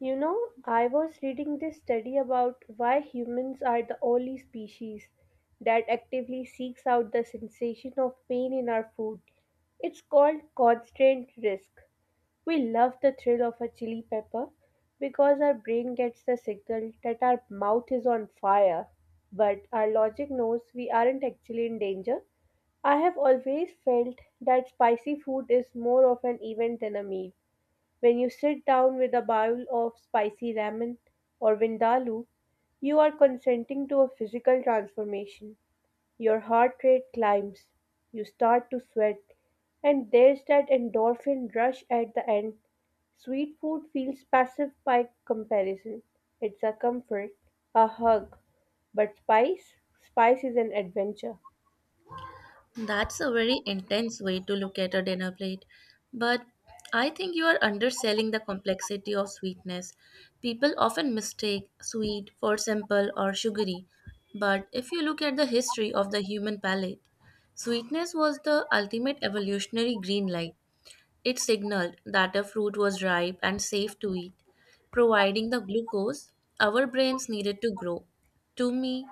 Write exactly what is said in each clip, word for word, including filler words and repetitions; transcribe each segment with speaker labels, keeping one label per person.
Speaker 1: You know, I was reading this study about why humans are the only species that actively seeks out the sensation of pain in our food. It's called constraint risk. We love the thrill of a chili pepper because our brain gets the signal that our mouth is on fire, but our logic knows we aren't actually in danger. I have always felt that spicy food is more of an event than a meal. When you sit down with a bowl of spicy ramen or vindaloo, you are consenting to a physical transformation. Your heart rate climbs, you start to sweat, and there's that endorphin rush at the end. Sweet food feels passive by comparison. It's a comfort, a hug, but spice, spice is an adventure.
Speaker 2: That's a very intense way to look at a dinner plate, but I think you are underselling the complexity of sweetness. People often mistake sweet for simple or sugary, but if you look at the history of the human palate, sweetness was the ultimate evolutionary green light. It signaled that the fruit was ripe and safe to eat, providing the glucose our brains needed to grow. To me,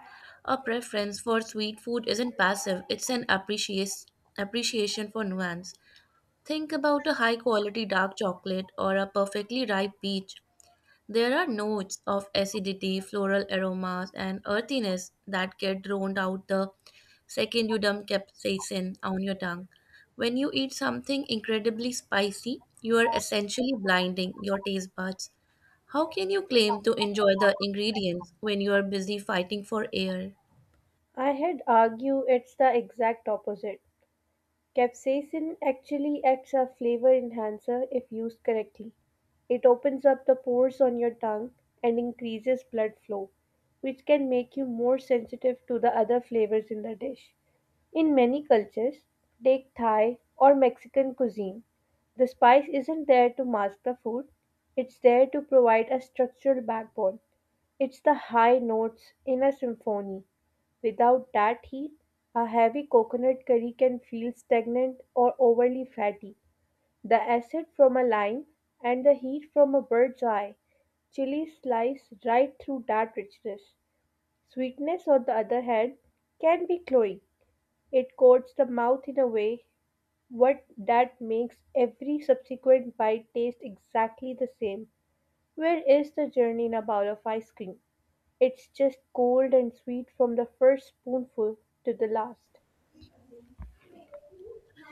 Speaker 2: a preference for sweet food isn't passive, it's an apprecias- appreciation for nuance. Think about a high quality dark chocolate or a perfectly ripe peach. There are notes of acidity, floral aromas, and earthiness that get drowned out the Second, you dump capsaicin on your tongue. When you eat something incredibly spicy, you are essentially blinding your taste buds. How can you claim to enjoy the ingredients when you are busy fighting for air?
Speaker 1: I had argue it's the exact opposite. Capsaicin actually acts as flavor enhancer if used correctly. It opens up the pores on your tongue and increases blood flow, which can make you more sensitive to the other flavors in the dish. In many cultures, take Thai or Mexican cuisine, the spice isn't there to mask the food, it's there to provide a structural backbone. It's the high notes in a symphony. Without that heat, a heavy coconut curry can feel stagnant or overly fatty. The acid from a lime and the heat from a bird's eye chili slice right through that richness. Sweetness, on the other hand, can be cloying. It coats the mouth in a way what that makes every subsequent bite taste exactly the same. Where is the journey in a bowl of ice cream? It's just cold and sweet from the first spoonful to the last.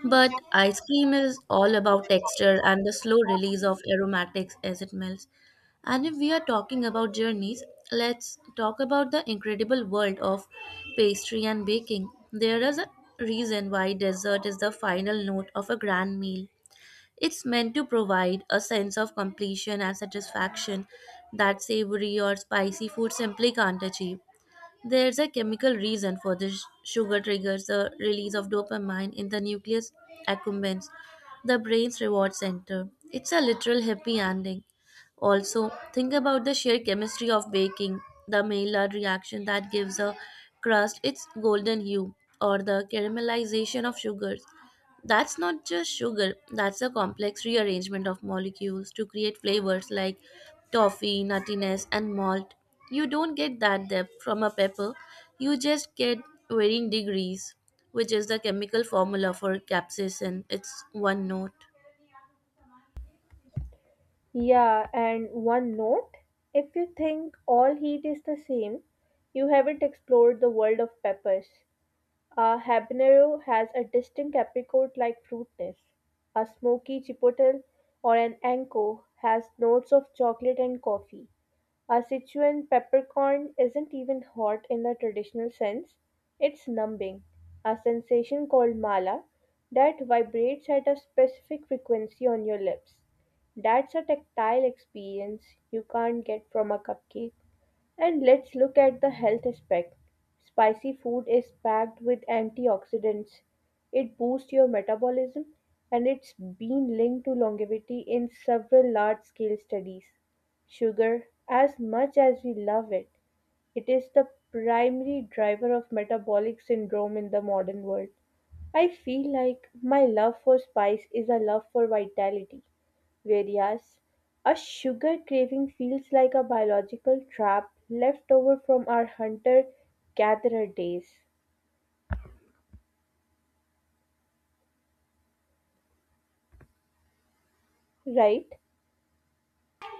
Speaker 2: But ice cream is all about texture and the slow release of aromatics as it melts. And if we are talking about journeys, let's talk about the incredible world of pastry and baking. There is a reason why dessert is the final note of a grand meal. It's meant to provide a sense of completion and satisfaction that savory or spicy food simply can't achieve. There's a chemical reason for this. Sugar triggers the release of dopamine in the nucleus accumbens, the brain's reward center. It's a literal happy ending. Also, think about the sheer chemistry of baking, the Maillard reaction that gives a crust its golden hue, or the caramelization of sugars. That's not just sugar, that's a complex rearrangement of molecules to create flavors like toffee, nuttiness, and malt. You don't get that depth from a pepper, you just get varying degrees, which is the chemical formula for capsaicin. It's one note.
Speaker 1: Yeah, and one note, if you think all heat is the same, you haven't explored the world of peppers. A habanero has a distinct apricot like fruitness. A smoky chipotle or an anko has notes of chocolate and coffee. Our Sichuan peppercorn isn't even hot in the traditional sense, it's numbing, a sensation called mala that vibrates at a specific frequency on your lips. That's a tactile experience you can't get from a cupcake. And let's look at the health aspect. Spicy food is packed with antioxidants. It boosts your metabolism and it's been linked to longevity in several large scale studies. Sugar, as much as we love it, it is the primary driver of metabolic syndrome in the modern world. I feel like my love for spice is a love for vitality, whereas a sugar craving feels like a biological trap left over from our hunter gatherer days, right?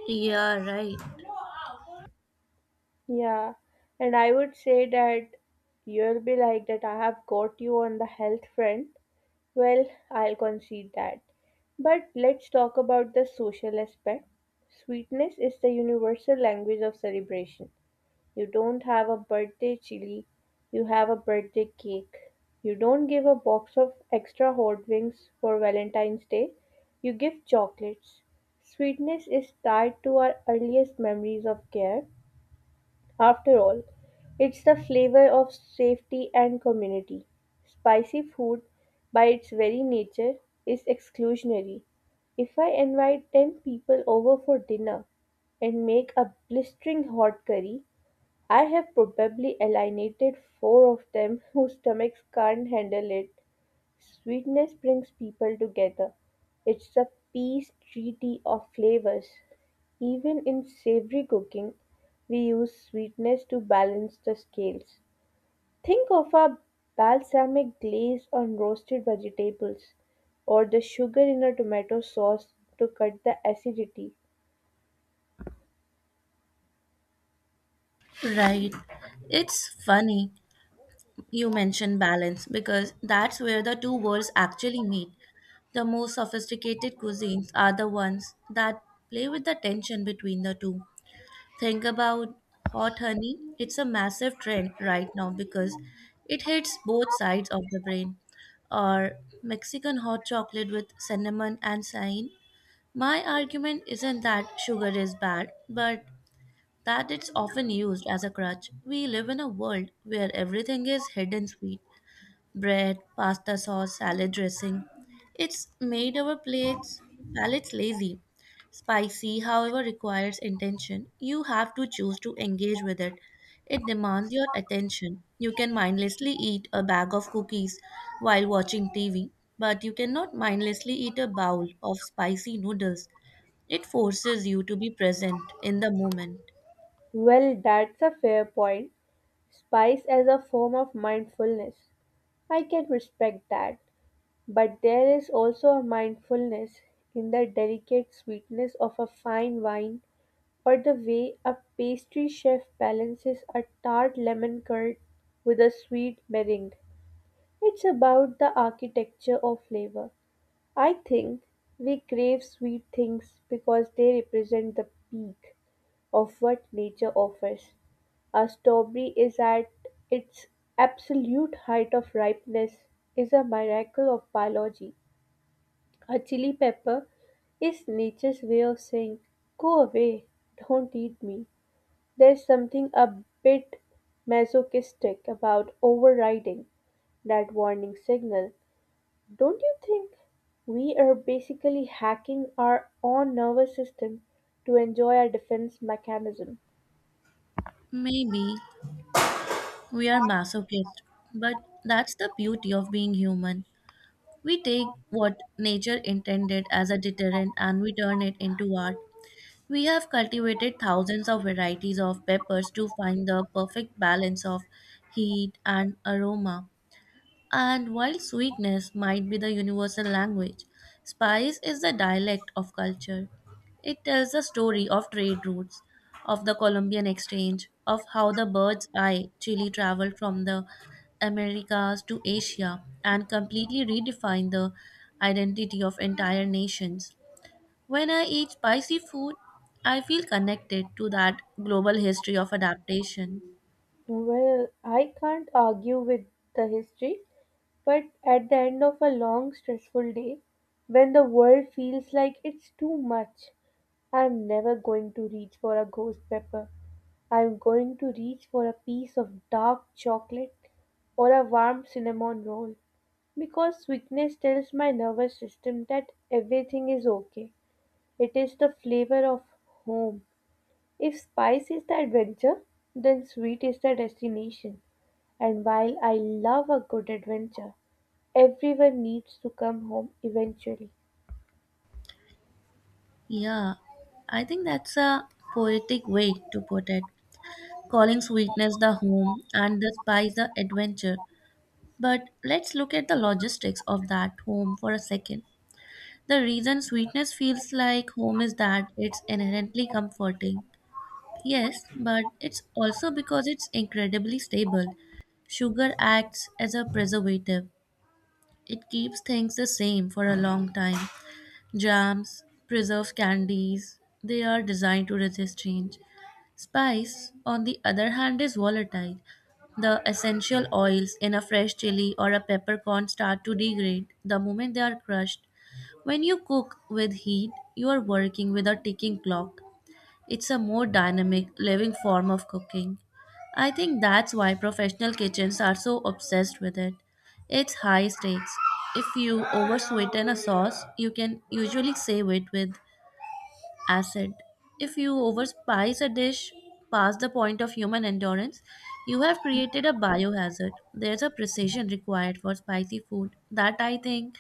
Speaker 2: Yeah, right.
Speaker 1: Yeah, and I would say that you'll be like that I have got you on the health front. Well, I'll concede that. But let's talk about the social aspect. Sweetness is the universal language of celebration. You don't have a birthday chili, you have a birthday cake. You don't give a box of extra hot wings for Valentine's Day, you give chocolates. Sweetness is tied to our earliest memories of care. After all, it's the flavor of safety and community. Spicy food, by its very nature, is exclusionary. If I invite ten people over for dinner and make a blistering hot curry, I have probably alienated four of them whose stomachs can't handle it. Sweetness brings people together. It's a peace treaty of flavors. Even in savory cooking, we use sweetness to balance the scales. Think of a balsamic glaze on roasted vegetables, or the sugar in a tomato sauce to cut the acidity.
Speaker 2: Right. It's funny you mention balance because that's where the two worlds actually meet. The most sophisticated cuisines are the ones that play with the tension between the two. Think about hot honey. It's a massive trend right now because it hits both sides of the brain. Or Mexican hot chocolate with cinnamon and cayenne. My argument isn't that sugar is bad, but that it's often used as a crutch. We live in a world where everything is hidden sweet bread, pasta sauce, salad dressing. It's made our plates palates lazy. Spicy, however, requires intention. You have to choose to engage with it. It demands your attention. You can mindlessly eat a bag of cookies while watching T V, but you cannot mindlessly eat a bowl of spicy noodles. It forces you to be present in the moment.
Speaker 1: Well, that's a fair point. Spice as a form of mindfulness. I can respect that. But there is also a mindfulness in the delicate sweetness of a fine wine, or the way a pastry chef balances a tart lemon curd with a sweet meringue. It's about the architecture of flavor. I think we crave sweet things because they represent the peak of what nature offers. A strawberry, is at its absolute height of ripeness, is a miracle of biology. A chili pepper is nature's way of saying, "Go away, don't eat me." There's something a bit masochistic about overriding that warning signal, don't you think? We are basically hacking our own nervous system to enjoy our defense mechanism.
Speaker 2: Maybe we are masochists, but that's the beauty of being human. We take what nature intended as a deterrent and we turn it into art. We have cultivated thousands of varieties of peppers to find the perfect balance of heat and aroma. And while sweetness might be the universal language, spice is the dialect of culture. It tells the story of trade routes, of the Columbian exchange, of how the bird's eye chili traveled from the Americas to Asia and completely redefined the identity of entire nations. When I eat spicy food, I feel connected to that global history of adaptation.
Speaker 1: Well, I can't argue with the history, but at the end of a long, stressful day, when the world feels like it's too much, I'm never going to reach for a ghost pepper. I'm going to reach for a piece of dark chocolate or a warm cinnamon roll because sweetness tells my nervous system that everything is okay. It is the flavor of home. If spice is the adventure, then sweet is the destination. And while I love a good adventure, everyone needs to come home eventually.
Speaker 2: Yeah, I think that's a poetic way to put it, calling sweetness the home and the spice the adventure. But let's look at the logistics of that home for a second. The reason sweetness feels like home is that it's inherently comforting. Yes, but it's also because it's incredibly stable. Sugar acts as a preservative. It keeps things the same for a long time. Jams, preserved candies, they are designed to resist change. Spice, on the other hand, is volatile. The essential oils in a fresh chili or a peppercorn start to degrade the moment they are crushed. When you cook with heat, you are working with a ticking clock. It's a more dynamic, living form of cooking. I think that's why professional kitchens are so obsessed with it. It's high stakes. If you oversweeten a sauce, you can usually save it with acid. If you overspice a dish past the point of human endurance, you have created a biohazard. There's a precision required for spicy food that I think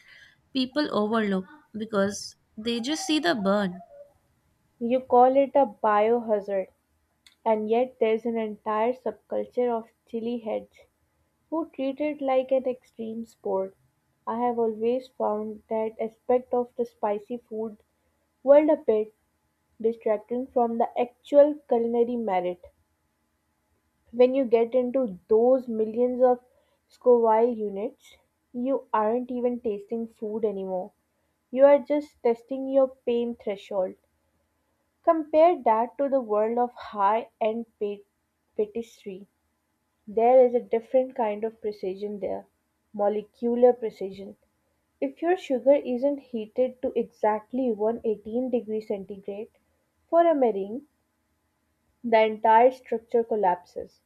Speaker 2: people overlook because they just see the burn.
Speaker 1: You call it a biohazard, and yet there's an entire subculture of chili heads who treat it like an extreme sport. I have always found that aspect of the spicy food world a bit distracting from the actual culinary merit. When you get into those millions of scoville units, you aren't even tasting food anymore. You are just testing your pain threshold. Compare that to the world of high end pastry. There is a different kind of precision there, molecular precision. If your sugar isn't heated to exactly one hundred eighteen degrees centigrade for a meringue, the entire structure collapses.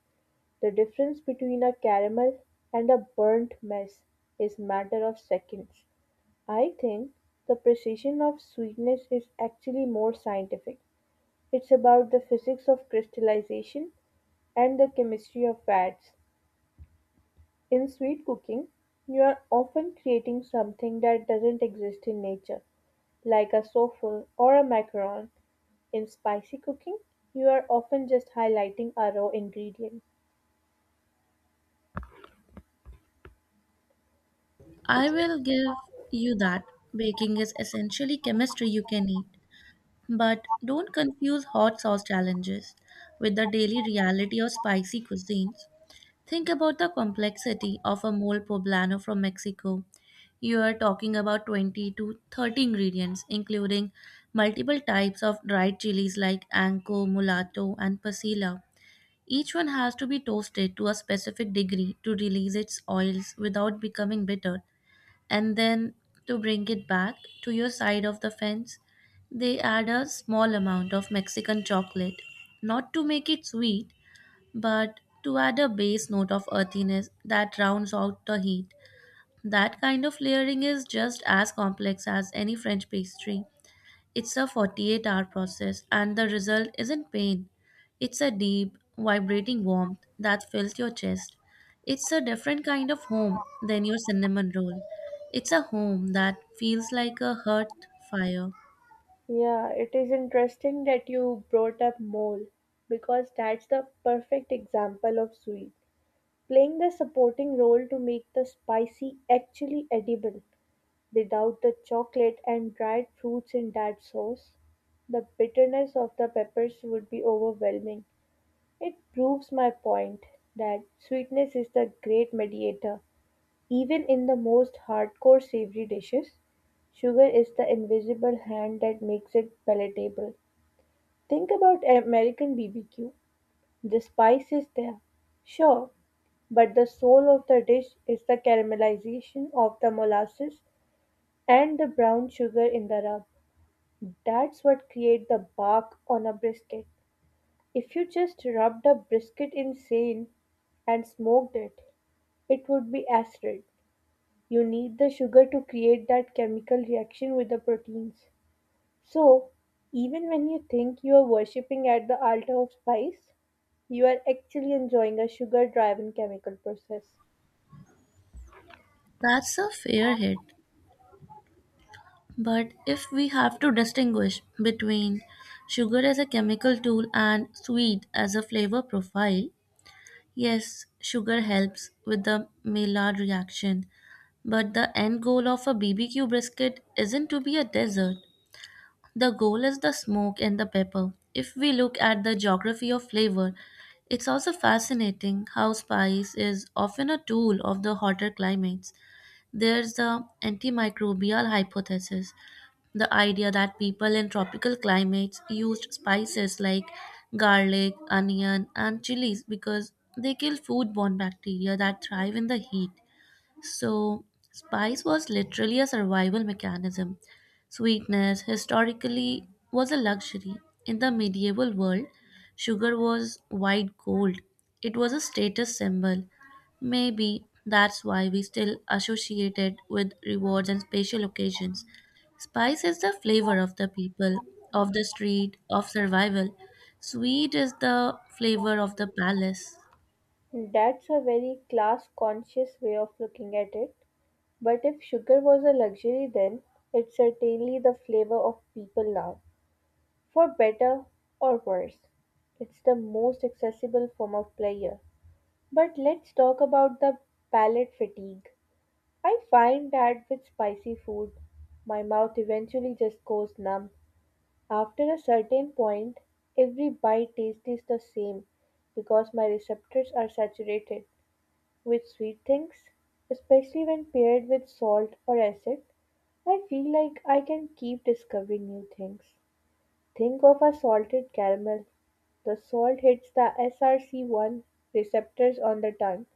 Speaker 1: The difference between a caramel and a burnt mess is matter of seconds. I think the precision of sweetness is actually more scientific. It's about the physics of crystallization and the chemistry of fats. In sweet cooking, you are often creating something that doesn't exist in nature, like a souffle or a macaron. In spicy cooking, you are often just highlighting a raw ingredient.
Speaker 2: I will give you that. Baking is essentially chemistry you can eat. But don't confuse hot sauce challenges with the daily reality of spicy cuisines. Think about the complexity of a mole poblano from Mexico. You are talking about twenty to thirty ingredients, including multiple types of dried chilies like anco, mulatto, and pasilla. Each one has to be toasted to a specific degree to release its oils without becoming bitter. And then to bring it back to your side of the fence, they add a small amount of Mexican chocolate, not to make it sweet, but to add a base note of earthiness that rounds out the heat. That kind of layering is just as complex as any French pastry. It's a forty-eight hour process, and the result isn't pain. It's a deep, vibrating warmth that fills your chest. It's a different kind of home than your cinnamon roll. It's a home that feels like a hearth fire.
Speaker 1: Yeah, it is interesting that you brought up mole because that's the perfect example of sweet playing the supporting role to make the spicy actually edible. Without the chocolate and dried fruits in that sauce, the bitterness of the peppers would be overwhelming. It proves my point that sweetness is the great mediator. Even in the most hardcore savory dishes, sugar is the invisible hand that makes it palatable. Think about American B B Q. The spice is there, sure, but the soul of the dish is the caramelization of the molasses and the brown sugar in the rub. That's what creates the bark on a brisket. If you just rubbed a brisket in sand and smoked it, it would be acid. You need the sugar to create that chemical reaction with the proteins. So, even when you think you are worshipping at the altar of spice, you are actually enjoying a sugar driven chemical process.
Speaker 2: That's a fair hit. But if we have to distinguish between sugar as a chemical tool and sweet as a flavor profile, yes, sugar helps with the Maillard reaction. But the end goal of a B B Q brisket isn't to be a dessert. The goal is the smoke and the pepper. If we look at the geography of flavor, it's also fascinating how spice is often a tool of the hotter climates. There's the antimicrobial hypothesis, the idea that people in tropical climates used spices like garlic, onion, and chilies because they kill foodborne bacteria that thrive in the heat. So, spice was literally a survival mechanism. Sweetness historically was a luxury. In the medieval world, sugar was white gold, it was a status symbol. Maybe that's why we still associate it with rewards and special occasions. Spice is the flavor of the people, of the street, of survival. Sweet is the flavor of the palace.
Speaker 1: That's a very class conscious way of looking at it. But if sugar was a luxury then, it's certainly the flavor of people now. For better or worse, it's the most accessible form of pleasure. But let's talk about the palate fatigue. I find that with spicy food, my mouth eventually just goes numb. After a certain point, every bite tastes the same because my receptors are saturated. With sweet things, especially when paired with salt or acid, I feel like I can keep discovering new things. Think of a salted caramel. The salt hits the S R C one receptors on the tongue,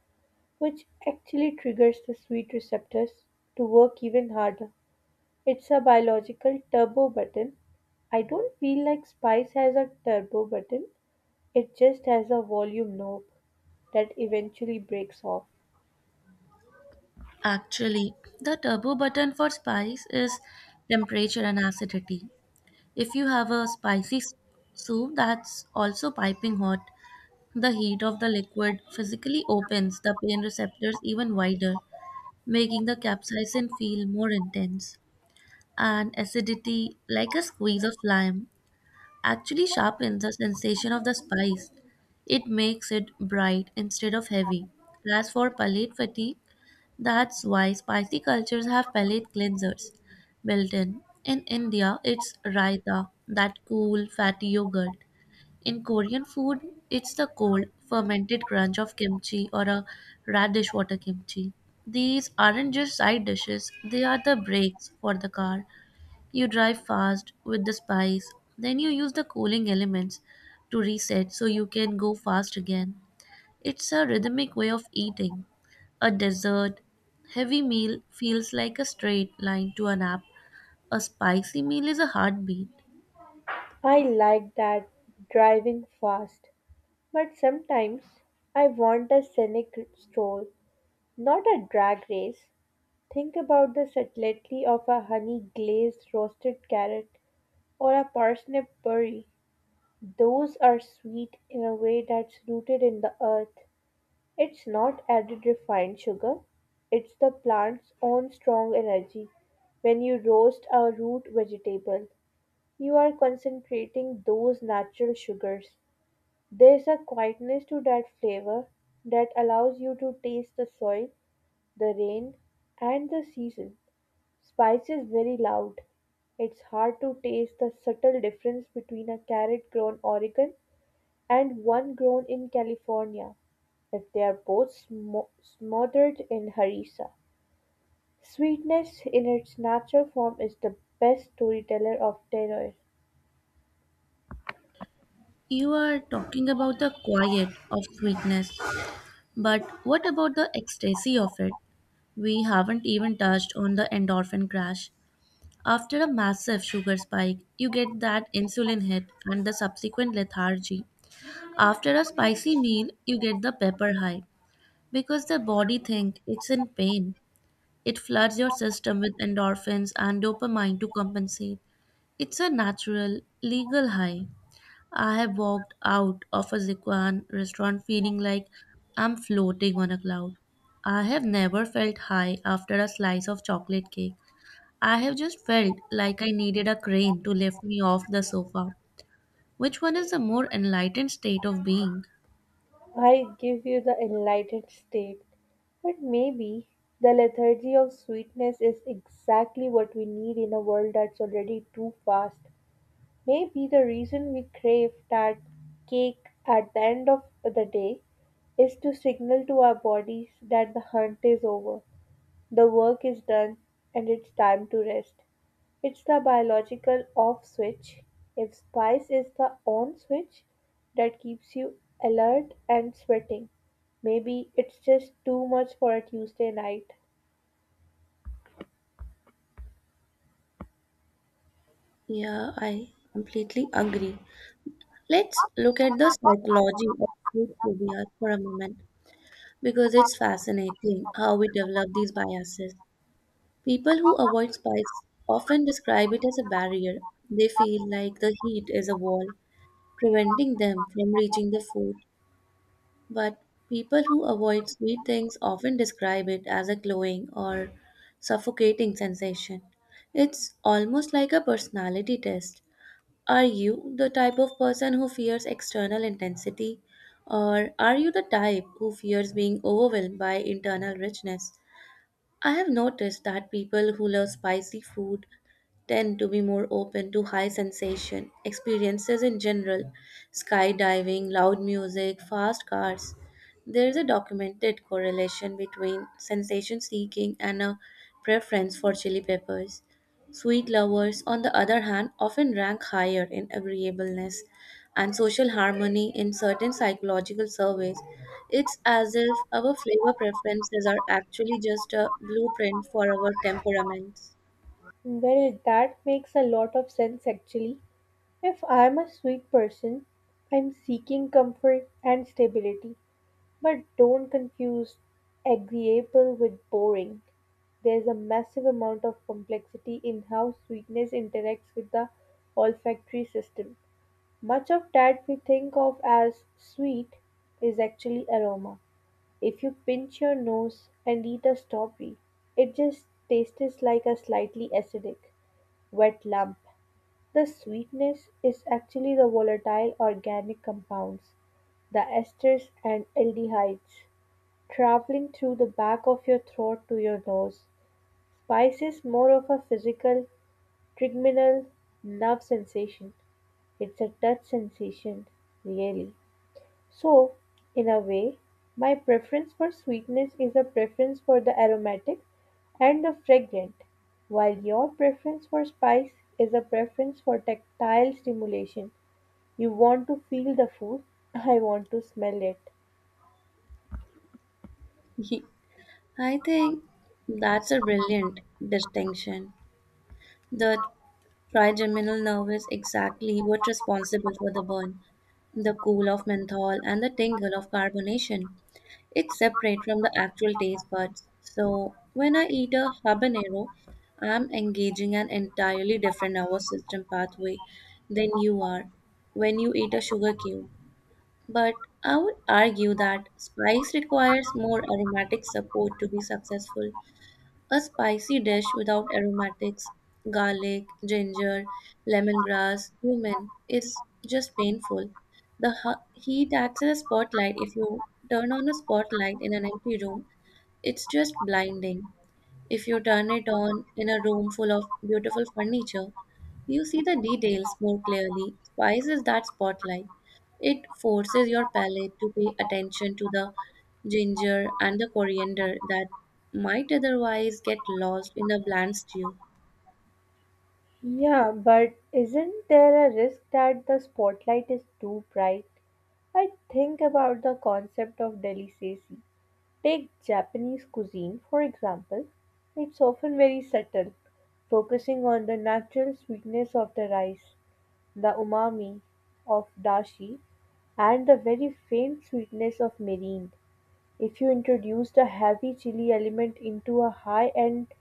Speaker 1: which actually triggers the sweet receptors to work even harder. It's a biological turbo button. I don't feel like spice has a turbo button, it just has a volume knob that eventually breaks off.
Speaker 2: Actually, the turbo button for spice is temperature and acidity. If you have a spicy s- soup that's also piping hot, the heat of the liquid physically opens the pain receptors even wider, making the capsaicin feel more intense. And acidity, like a squeeze of lime, actually sharpens the sensation of the spice. It makes it bright instead of heavy. As for palate fatigue, that's why spicy cultures have palate cleansers built in. In India, it's raita, that cool, fatty yogurt. In Korean food, it's the cold, fermented crunch of kimchi or a radish water kimchi. These aren't just side dishes, they are the brakes for the car. You drive fast with the spice, then you use the cooling elements to reset so you can go fast again. It's a rhythmic way of eating. A dessert heavy meal feels like a straight line to a nap. A spicy meal is a heartbeat.
Speaker 1: I like that, driving fast, but sometimes I want a scenic stroll, not a drag race. Think about the subtlety of a honey glazed roasted carrot or a parsnip curry. Those are sweet in a way that's rooted in the earth. It's not added refined sugar, it's the plant's own strong energy. When you roast a root vegetable, you are concentrating those natural sugars. There's a quietness to that flavor that allows you to taste the soil, the rain, and the season. Spice is very loud. It's hard to taste the subtle difference between a carrot grown Oregon and one grown in California, but they are both smo- smothered in harissa. Sweetness in its natural form is the best storyteller of terror.
Speaker 2: You are talking about the quiet of sweetness, but what about the ecstasy of it? We haven't even touched on the endorphin crash. After a massive sugar spike, you get that insulin hit and the subsequent lethargy. After a spicy meal, you get the pepper high because the body thinks it's in pain. It floods your system with endorphins and dopamine to compensate. It's a natural, legal high. I have walked out of a Zikuan restaurant feeling like I'm floating on a cloud. I have never felt high after a slice of chocolate cake. I have just felt like I needed a crane to lift me off the sofa. Which one is the more enlightened state of being?
Speaker 1: I give you the enlightened state, but maybe the lethargy of sweetness is exactly what we need in a world that's already too fast. Maybe the reason we crave that cake at the end of the day is to signal to our bodies that the hunt is over. The work is done and it's time to rest. It's the biological off switch. If spice is the on switch that keeps you alert and sweating, maybe it's just too much for a Tuesday night.
Speaker 2: Yeah, I completely agree. Let's look at the psychology of food phobia for a moment, because it's fascinating how we develop these biases. People who avoid spice often describe it as a barrier. They feel like the heat is a wall, preventing them from reaching the food. But people who avoid sweet things often describe it as a glowing or suffocating sensation. It's almost like a personality test. Are you the type of person who fears external intensity? Or are you the type who fears being overwhelmed by internal richness? I have noticed that people who love spicy food tend to be more open to high sensation experiences in general, skydiving, loud music, fast cars. There is a documented correlation between sensation seeking and a preference for chili peppers. Sweet lovers, on the other hand, often rank higher in agreeableness and social harmony in certain psychological surveys. It's as if our flavor preferences are actually just a blueprint for our temperaments.
Speaker 1: Well, that makes a lot of sense actually. If I'm a sweet person, I'm seeking comfort and stability. But don't confuse agreeable with boring. There's a massive amount of complexity in how sweetness interacts with the olfactory system. Much of that we think of as sweet is actually aroma. If you pinch your nose and eat a strawberry, it just tastes like a slightly acidic, wet lump. The sweetness is actually the volatile organic compounds, the esters and aldehydes traveling through the back of your throat to your nose. Spice is more of a physical, trigeminal nerve sensation. It's a touch sensation, really. So, in a way, my preference for sweetness is a preference for the aromatic and the fragrant, while your preference for spice is a preference for tactile stimulation. You want to feel the food, I want to smell it.
Speaker 2: I think that's a brilliant distinction. The trigeminal nerve is exactly what's responsible for the burn, the cool of menthol and the tingle of carbonation. It's separate from the actual taste buds. So when I eat a habanero, I'm engaging an entirely different nervous system pathway than you are when you eat a sugar cube. But I would argue that spice requires more aromatic support to be successful. A spicy dish without aromatics, garlic, ginger, lemongrass, cumin is just painful. The hu- heat acts as a spotlight. If you turn on a spotlight in an empty room, it's just blinding. If you turn it on in a room full of beautiful furniture, you see the details more clearly. Spice is that spotlight. It forces your palate to pay attention to the ginger and the coriander that might otherwise get lost in the bland stew.
Speaker 1: Yeah, but isn't there a risk that the spotlight is too bright? I think about the concept of delicacy. Take Japanese cuisine, for example. It's often very subtle, focusing on the natural sweetness of the rice, the umami of dashi, and the very faint sweetness of mirin. If you introduced a heavy chili element into a high-end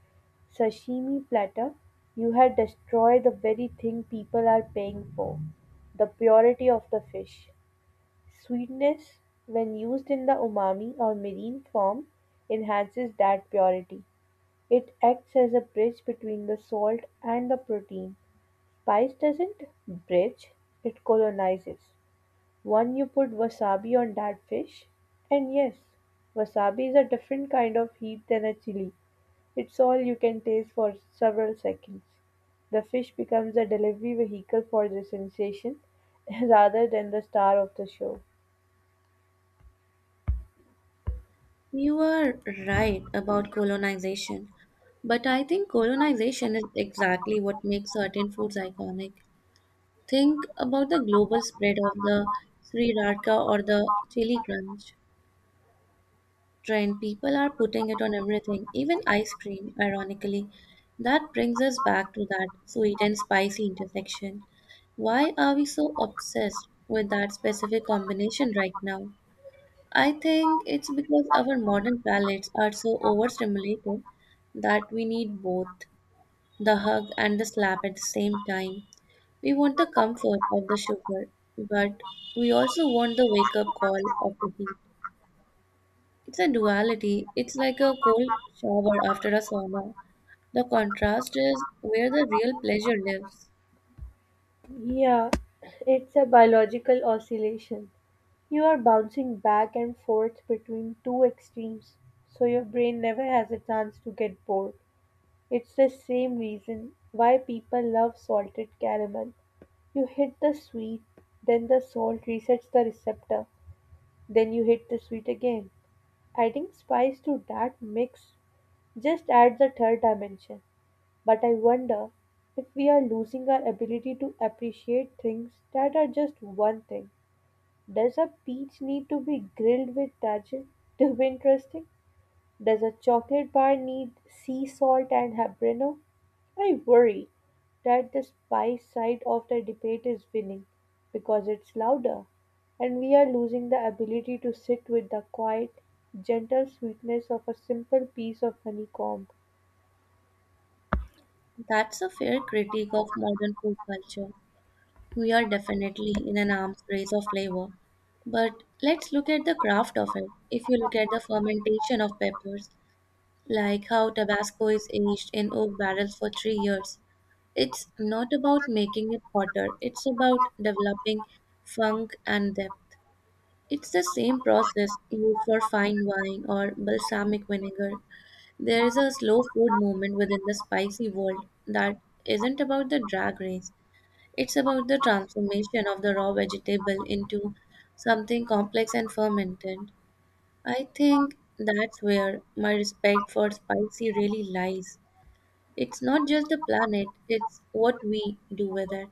Speaker 1: sashimi platter, you had destroyed the very thing people are paying for, the purity of the fish. Sweetness, when used in the umami or marine form, enhances that purity. It acts as a bridge between the salt and the protein. Spice doesn't bridge, it colonizes. One, you put wasabi on that fish. And yes, wasabi is a different kind of heat than a chili. It's all you can taste for several seconds. The fish becomes a delivery vehicle for the sensation rather than the star of the show.
Speaker 2: You are right about colonization, but I think colonization is exactly what makes certain foods iconic. Think about the global spread of the Sri Radka or the chili crunch trend. People are putting it on everything, even ice cream, ironically. That brings us back to that sweet and spicy intersection. Why are we so obsessed with that specific combination right now? I think it's because our modern palates are so overstimulated that we need both the hug and the slap at the same time. We want the comfort of the sugar, but we also want the wake up call of the heat. It's a duality. It's like a cold shower after a sauna. The contrast is where the real pleasure lives.
Speaker 1: Yeah, it's a biological oscillation. You are bouncing back and forth between two extremes, so your brain never has a chance to get bored. It's the same reason why people love salted caramel. You hit the sweet, then the salt resets the receptor, then you hit the sweet again. Adding spice to that mix just adds a third dimension. But I wonder if we are losing our ability to appreciate things that are just one thing. Does a peach need to be grilled with tajin to be interesting? Does a chocolate bar need sea salt and habanero? I worry that the spice side of the debate is winning because it's louder, and we are losing the ability to sit with the quiet, gentle sweetness of a simple piece of honeycomb.
Speaker 2: That's a fair critique of modern food culture. We are definitely in an arms race of flavor. But let's look at the craft of it. If you look at the fermentation of peppers, like how Tabasco is aged in oak barrels for three years, it's not about making it hotter, it's about developing funk and depth. It's the same process used for fine wine or balsamic vinegar. There is a slow food movement within the spicy world that isn't about the drag race. It's about the transformation of the raw vegetable into something complex and fermented. I think that's where my respect for spicy really lies. It's not just the planet, it's what we do with it.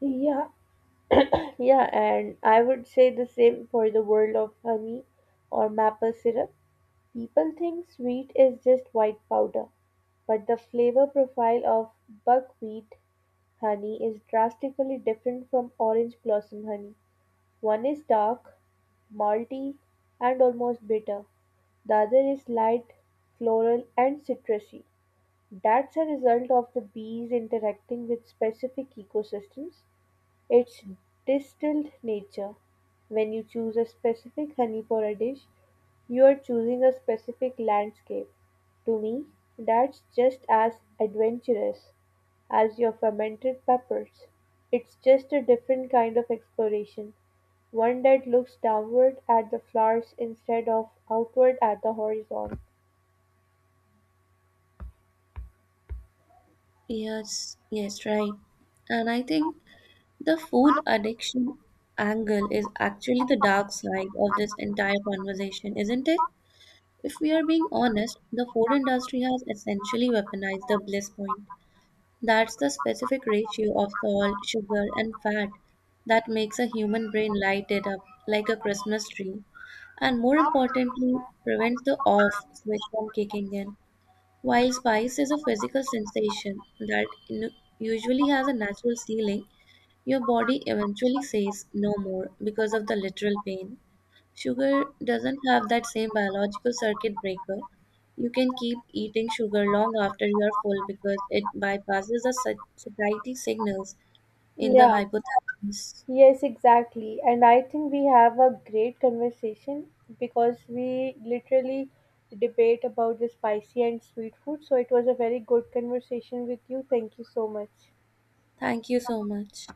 Speaker 1: Yeah, yeah, and I would say the same for the world of honey or maple syrup. People think sweet is just white powder, but the flavor profile of buckwheat honey is drastically different from orange blossom honey. One is dark, malty, and almost bitter. The other is light, floral, and citrusy. That's a result of the bees interacting with specific ecosystems, its distilled nature. When you choose a specific honey for a dish, you're choosing a specific landscape. To me, that's just as adventurous as your fermented peppers. It's just a different kind of exploration, one that looks downward at the flowers instead of outward at the horizon.
Speaker 2: Yes, yes, right. And I think the food addiction angle is actually the dark side of this entire conversation, isn't it? If we are being honest, the food industry has essentially weaponized the bliss point. That's the specific ratio of salt, sugar, and fat that makes a human brain light it up like a Christmas tree, and more importantly, prevents the off switch from kicking in. While spice is a physical sensation that nu- usually has a natural ceiling, your body eventually says no more because of the literal pain. Sugar doesn't have that same biological circuit breaker. You can keep eating sugar long after you are full because it bypasses the sat- satiety signals in the
Speaker 1: Yeah,
Speaker 2: hypothalamus.
Speaker 1: yes, exactly. And I think we have a great conversation because we literally debate about the spicy and sweet food. So it was a very good conversation with you. Thank you so much.
Speaker 2: Thank you so much.